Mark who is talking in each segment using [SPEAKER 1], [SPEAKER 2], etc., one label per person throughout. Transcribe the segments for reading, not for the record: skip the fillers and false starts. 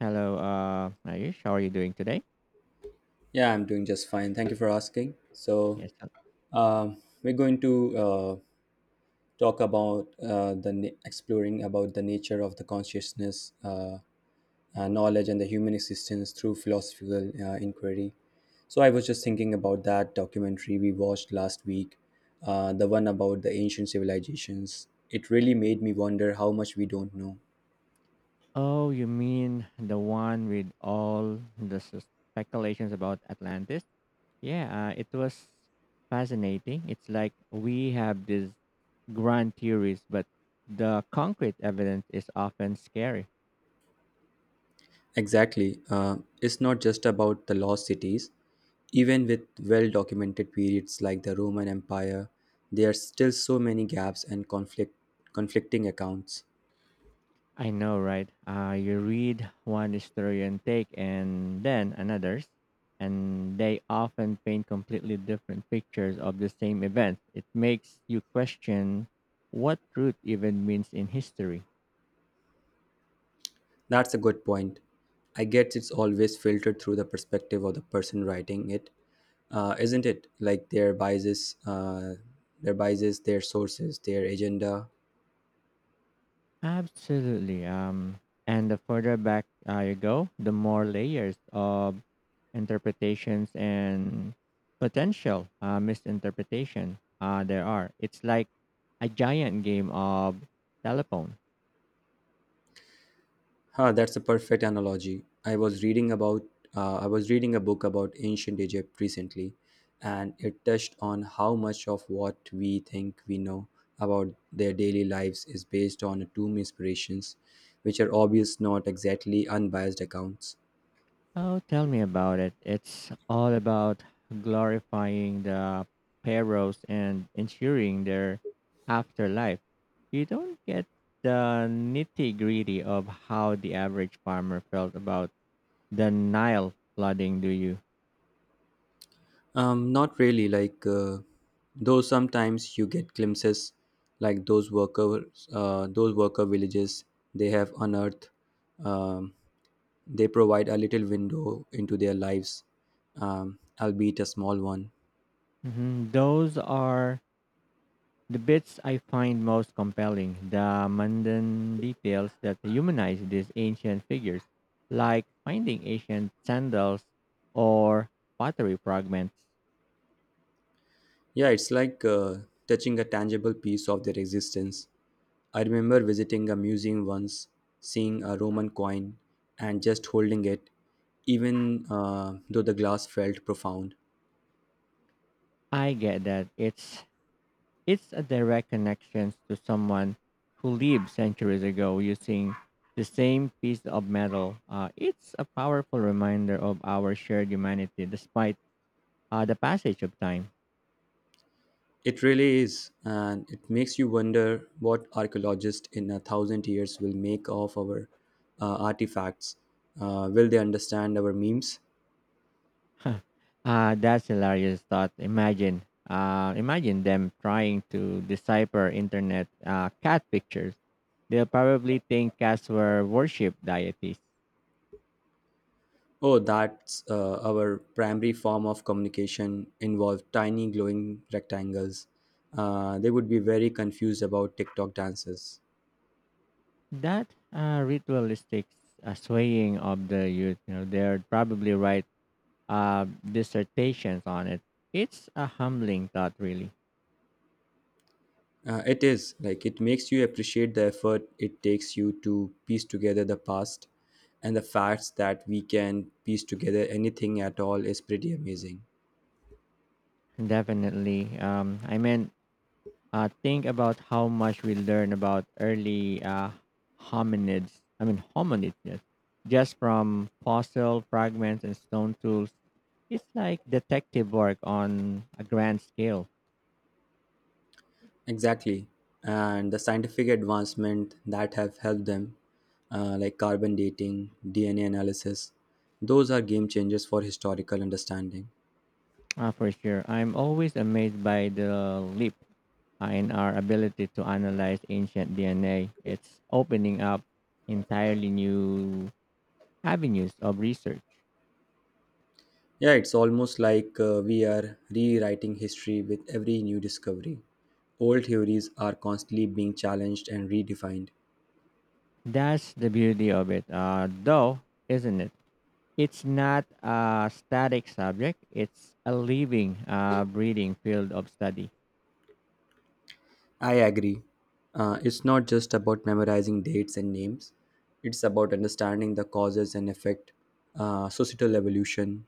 [SPEAKER 1] Hello, Ayush. How are you doing today?
[SPEAKER 2] Yeah, I'm doing just fine. Thank you for asking.
[SPEAKER 1] Yes.
[SPEAKER 2] Um, we're going to talk about exploring about the nature of the consciousness, knowledge, and the human existence through philosophical inquiry. So, I was just thinking about that documentary we watched last week, the one about the ancient civilizations. It really made me wonder how much we don't know.
[SPEAKER 1] Oh, you mean the one with all the speculations about Atlantis? Yeah, it was fascinating. It's like we have these grand theories, but the concrete evidence is often scary.
[SPEAKER 2] Exactly. It's not just about the lost cities. Even with well documented periods like the Roman Empire, there are still so many gaps and conflicting accounts.
[SPEAKER 1] I know, right? You read one historian take and then another's, and they often paint completely different pictures of the same event. It makes you question what truth even means in history.
[SPEAKER 2] That's a good point. I guess it's always filtered through the perspective of the person writing it, isn't it? Like their biases, their sources, their agenda.
[SPEAKER 1] Absolutely. And the further back you go, the more layers of interpretations and potential misinterpretation there are. It's like a giant game of telephone.
[SPEAKER 2] That's a perfect analogy. I was reading a book about ancient Egypt recently, and it touched on how much of what we think we know about their daily lives is based on tomb inspirations, which are obvious not exactly unbiased accounts.
[SPEAKER 1] Oh, tell me about it. It's all about glorifying the pharaohs and ensuring their afterlife. You don't get the nitty gritty of how the average farmer felt about the Nile flooding, do you?
[SPEAKER 2] Not really. Though sometimes you get glimpses, like those worker villages they have unearthed. Um, They provide a little window into their lives, albeit a small one.
[SPEAKER 1] Those are the bits I find most compelling, the mundane details that humanize these ancient figures, like finding ancient sandals or pottery fragments.
[SPEAKER 2] Yeah, it's like touching a tangible piece of their existence. I remember visiting a museum once, seeing a Roman coin, and just holding it, even though the glass felt profound.
[SPEAKER 1] I get that. It's a direct connection to someone who lived centuries ago using the same piece of metal. It's a powerful reminder of our shared humanity despite the passage of time.
[SPEAKER 2] It really is, and it makes you wonder what archaeologists in a thousand years will make of our artifacts. Will they understand our memes?
[SPEAKER 1] uh, that's hilarious thought. Imagine them trying to decipher internet cat pictures. They'll probably think cats were worship deities.
[SPEAKER 2] Oh, that's our primary form of communication involved tiny glowing rectangles. They would be very confused about TikTok dances.
[SPEAKER 1] That ritualistic swaying of the youth, they're probably write dissertations on it. It's a humbling thought, really.
[SPEAKER 2] It is like it makes you appreciate the effort it takes you to piece together the past, and the facts that we can piece together anything at all is pretty amazing.
[SPEAKER 1] Definitely. Think about how much we learn about early hominids. Yes, just from fossil fragments and stone tools. It's like detective work on a grand scale,
[SPEAKER 2] Exactly. And the scientific advancement that have helped them, like carbon dating, DNA analysis, those are game changers for historical understanding.
[SPEAKER 1] for sure. I'm always amazed by the leap and our ability to analyze ancient DNA. It's opening up entirely new avenues of research.
[SPEAKER 2] Yeah, it's almost like we are rewriting history with every new discovery. Old theories are constantly being challenged and redefined.
[SPEAKER 1] That's the beauty of it, though, isn't it? It's not a static subject, it's a living, breathing field of study.
[SPEAKER 2] I agree. It's not just about memorizing dates and names, it's about understanding the causes and effect, societal evolution,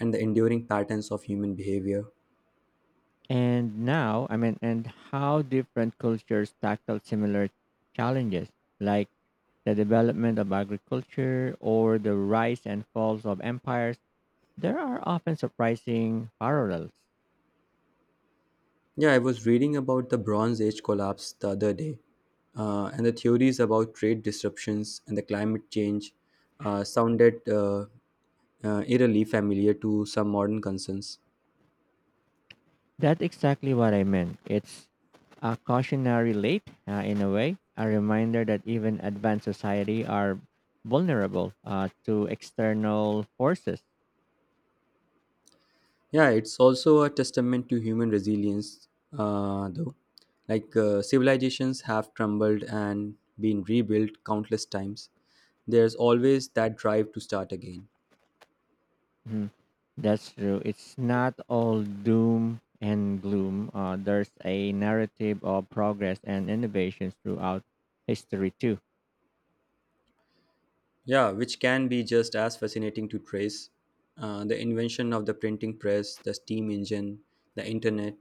[SPEAKER 2] and the enduring patterns of human behavior.
[SPEAKER 1] And now, I mean, and how different cultures tackle similar challenges, like the development of agriculture or the rise and falls of empires. There are often surprising parallels.
[SPEAKER 2] Yeah, I was reading about the Bronze Age collapse the other day, and the theories about trade disruptions and the climate change sounded eerily familiar to some modern concerns.
[SPEAKER 1] That's exactly what I meant. It's a cautionary late in a way, a reminder that even advanced society are vulnerable to external forces.
[SPEAKER 2] Yeah, it's also a testament to human resilience, though. Civilizations have crumbled and been rebuilt countless times. There's always that drive to start again.
[SPEAKER 1] Mhm. That's true. It's not all doom and gloom. There's a narrative of progress and innovations throughout history too.
[SPEAKER 2] Yeah, which can be just as fascinating to trace. The invention of the printing press, the steam engine, the internet,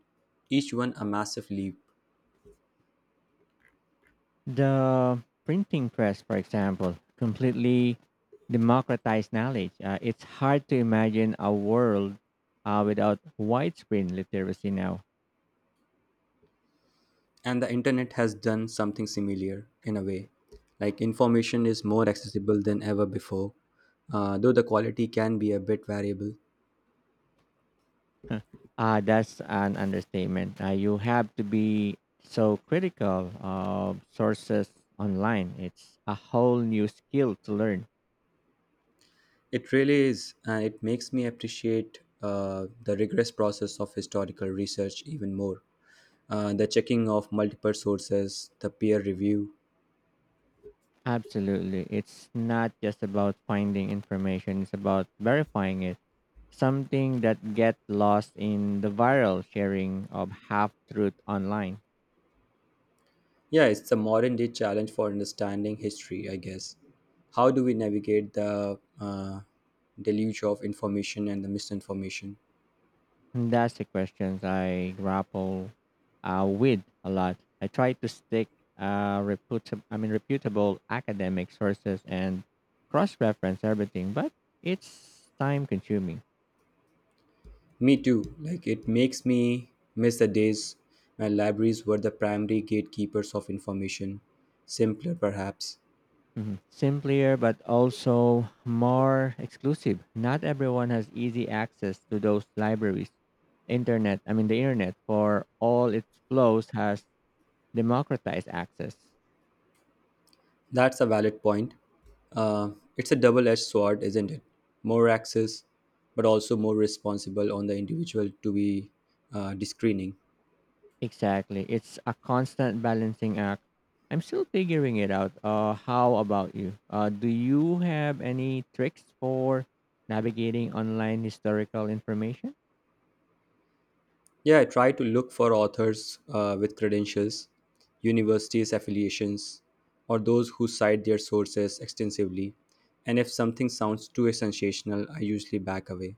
[SPEAKER 2] each one a massive leap.
[SPEAKER 1] The printing press, for example, completely democratized knowledge. It's hard to imagine a world without widespread literacy now.
[SPEAKER 2] And the internet has done something similar in a way. Like information is more accessible than ever before, though the quality can be a bit variable.
[SPEAKER 1] That's an understatement. You have to be so critical of sources online. It's a whole new skill to learn.
[SPEAKER 2] It really is, and it makes me appreciate the rigorous process of historical research even more. The checking of multiple sources, the peer review.
[SPEAKER 1] Absolutely. It's not just about finding information, it's about verifying it. Something that get lost in the viral sharing of half truth online?
[SPEAKER 2] Yeah, it's a modern day challenge for understanding history, I guess. How do we navigate the deluge of information and the misinformation?
[SPEAKER 1] And That's the questions I grapple with a lot. I try to stick reputable, I mean, reputable academic sources and cross-reference everything, but it's time-consuming.
[SPEAKER 2] Me too. Like it makes me miss the days when libraries were the primary gatekeepers of information. Simpler, perhaps.
[SPEAKER 1] Mhm. Simpler, but also more exclusive. Not everyone has easy access to those libraries. Internet I mean The internet, for all its flaws, has democratize access.
[SPEAKER 2] That's a valid point. Uh, it's a double edged sword, isn't it? More access, but also more responsible on the individual to be discerning.
[SPEAKER 1] Exactly. It's a constant balancing act. I'm still figuring it out. How about you? Do you have any tricks for navigating online historical information?
[SPEAKER 2] Yeah, I try to look for authors with credentials, universities affiliations, or those who cite their sources extensively. And if something sounds too sensational, I usually back away.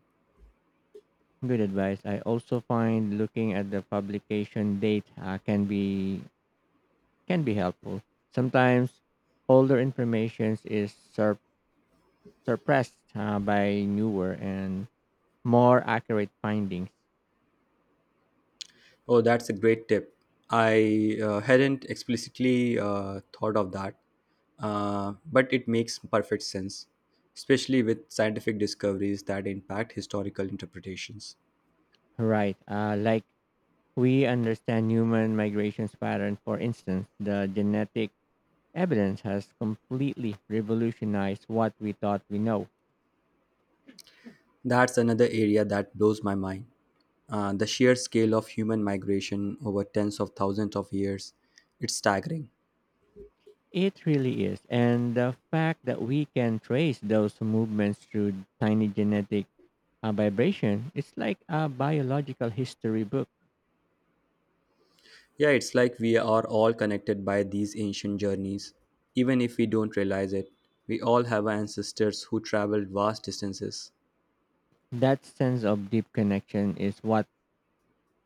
[SPEAKER 1] Good advice. I also find looking at the publication date can be helpful. Sometimes older information is suppressed by newer and more accurate findings.
[SPEAKER 2] Oh, that's a great tip. I hadn't explicitly thought of that, but it makes perfect sense, especially with scientific discoveries that impact historical interpretations.
[SPEAKER 1] Right. Like we understand human migrations pattern. For instance, the genetic evidence has completely revolutionized what we thought we know.
[SPEAKER 2] That's another area that blows my mind. The sheer scale of human migration over tens of thousands of years, it's staggering.
[SPEAKER 1] It really is. And the fact that we can trace those movements through tiny genetic vibration, it's like a biological history book.
[SPEAKER 2] Yeah, it's like we are all connected by these ancient journeys. Even if we don't realize it, we all have ancestors who traveled vast distances.
[SPEAKER 1] That sense of deep connection is what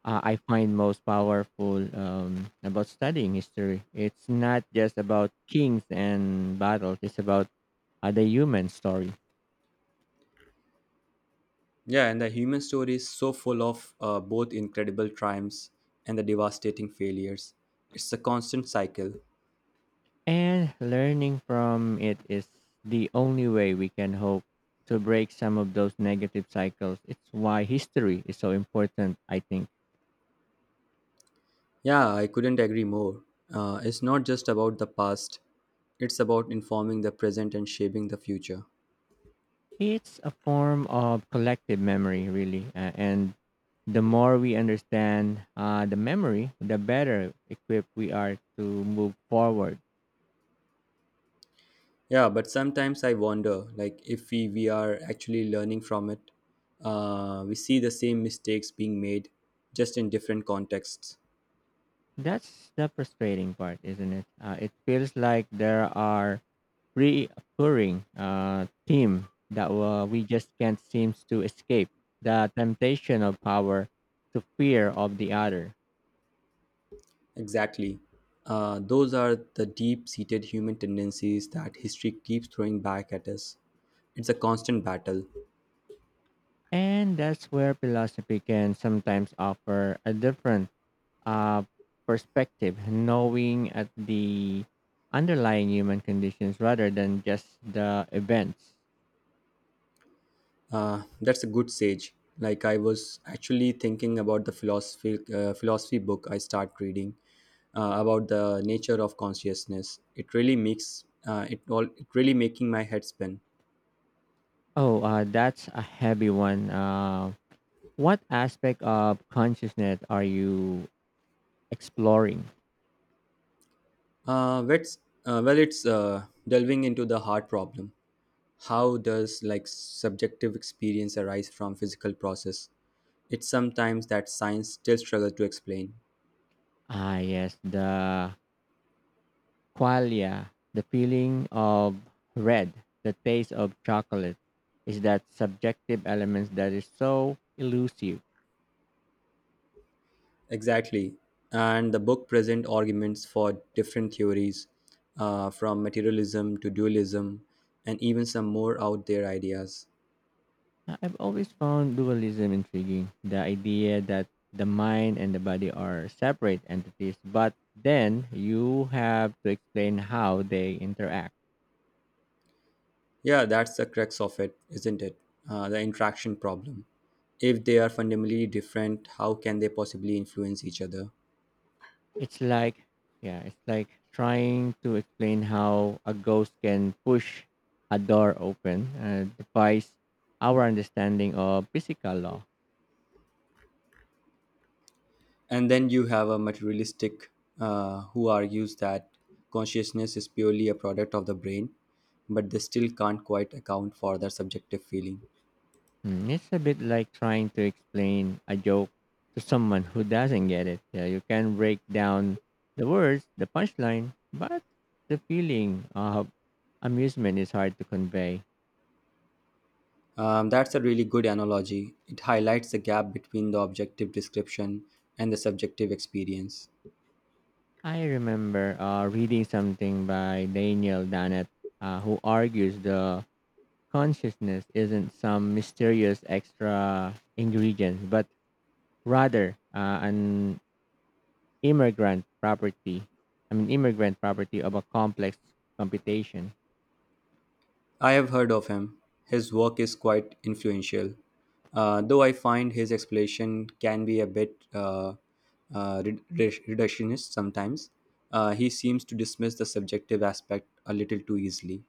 [SPEAKER 1] I find most powerful about studying history. It's not just about kings and battles, it's about the human story.
[SPEAKER 2] Yeah, and the human story is so full of both incredible triumphs and the devastating failures. It's a constant cycle.
[SPEAKER 1] And learning from it is the only way we can hope to break some of those negative cycles. It's why history is so important, I think.
[SPEAKER 2] Yeah, I couldn't agree more. It's not just about the past, it's about informing the present and shaping the future.
[SPEAKER 1] It's a form of collective memory, really. And the more we understand the memory, the better equipped we are to move forward.
[SPEAKER 2] Yeah, but sometimes I wonder like if we, we are actually learning from it. We see the same mistakes being made just in different contexts.
[SPEAKER 1] That's the frustrating part, isn't it? It feels like there are reoccurring theme that we just can't seem to escape the temptation of power to fear of the other.
[SPEAKER 2] Exactly. Those are the deep seated human tendencies that history keeps throwing back at us. It's a constant battle.
[SPEAKER 1] And that's where philosophy can sometimes offer a different uh, perspective, knowing at the underlying human conditions rather than just the events.
[SPEAKER 2] That's a good sage. Like, I was actually thinking about the philosophy book I start reading about the nature of consciousness. It really makes it all it really making my head spin.
[SPEAKER 1] Oh, that's a heavy one. What aspect of consciousness are you exploring?
[SPEAKER 2] Let's, well, it's Delving into the hard problem. How does like subjective experience arise from physical process? It's sometimes that science still struggles to explain.
[SPEAKER 1] Ah, yes, the qualia, the feeling of red, the taste of chocolate, is that subjective element that is so elusive.
[SPEAKER 2] Exactly, and the book present arguments for different theories, from materialism to dualism and even some more out there ideas.
[SPEAKER 1] I've always found dualism intriguing, the idea that the mind and the body are separate entities, but then you have to explain how they interact.
[SPEAKER 2] Yeah, that's the crux of it, isn't it? The interaction problem. If they are fundamentally different, how can they possibly influence each other?
[SPEAKER 1] It's like, yeah, it's like trying to explain how a ghost can push a door open, defies our understanding of physical law.
[SPEAKER 2] And then you have a materialistic, who argues that consciousness is purely a product of the brain, but they still can't quite account for their subjective feeling.
[SPEAKER 1] Mm, it's a bit like trying to explain a joke to someone who doesn't get it. Yeah, you can break down the words, the punchline, but the feeling of amusement is hard to convey.
[SPEAKER 2] That's a really good analogy. It highlights the gap between the objective description and the subjective experience.
[SPEAKER 1] I remember reading something by Daniel Dennett, who argues the consciousness isn't some mysterious extra ingredient, but rather an immigrant property. Immigrant property of a complex computation.
[SPEAKER 2] I have heard of him. His work is quite influential, though I find his explanation can be a bit reductionist sometimes. He seems to dismiss the subjective aspect a little too easily.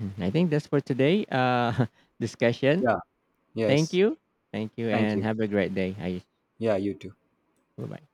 [SPEAKER 1] Mm, I think that's for today discussion.
[SPEAKER 2] Yeah,
[SPEAKER 1] Thank
[SPEAKER 2] yes.
[SPEAKER 1] you. Thank you
[SPEAKER 2] Thank
[SPEAKER 1] and
[SPEAKER 2] you.
[SPEAKER 1] have a great day. I
[SPEAKER 2] Yeah, you too.
[SPEAKER 1] Bye bye.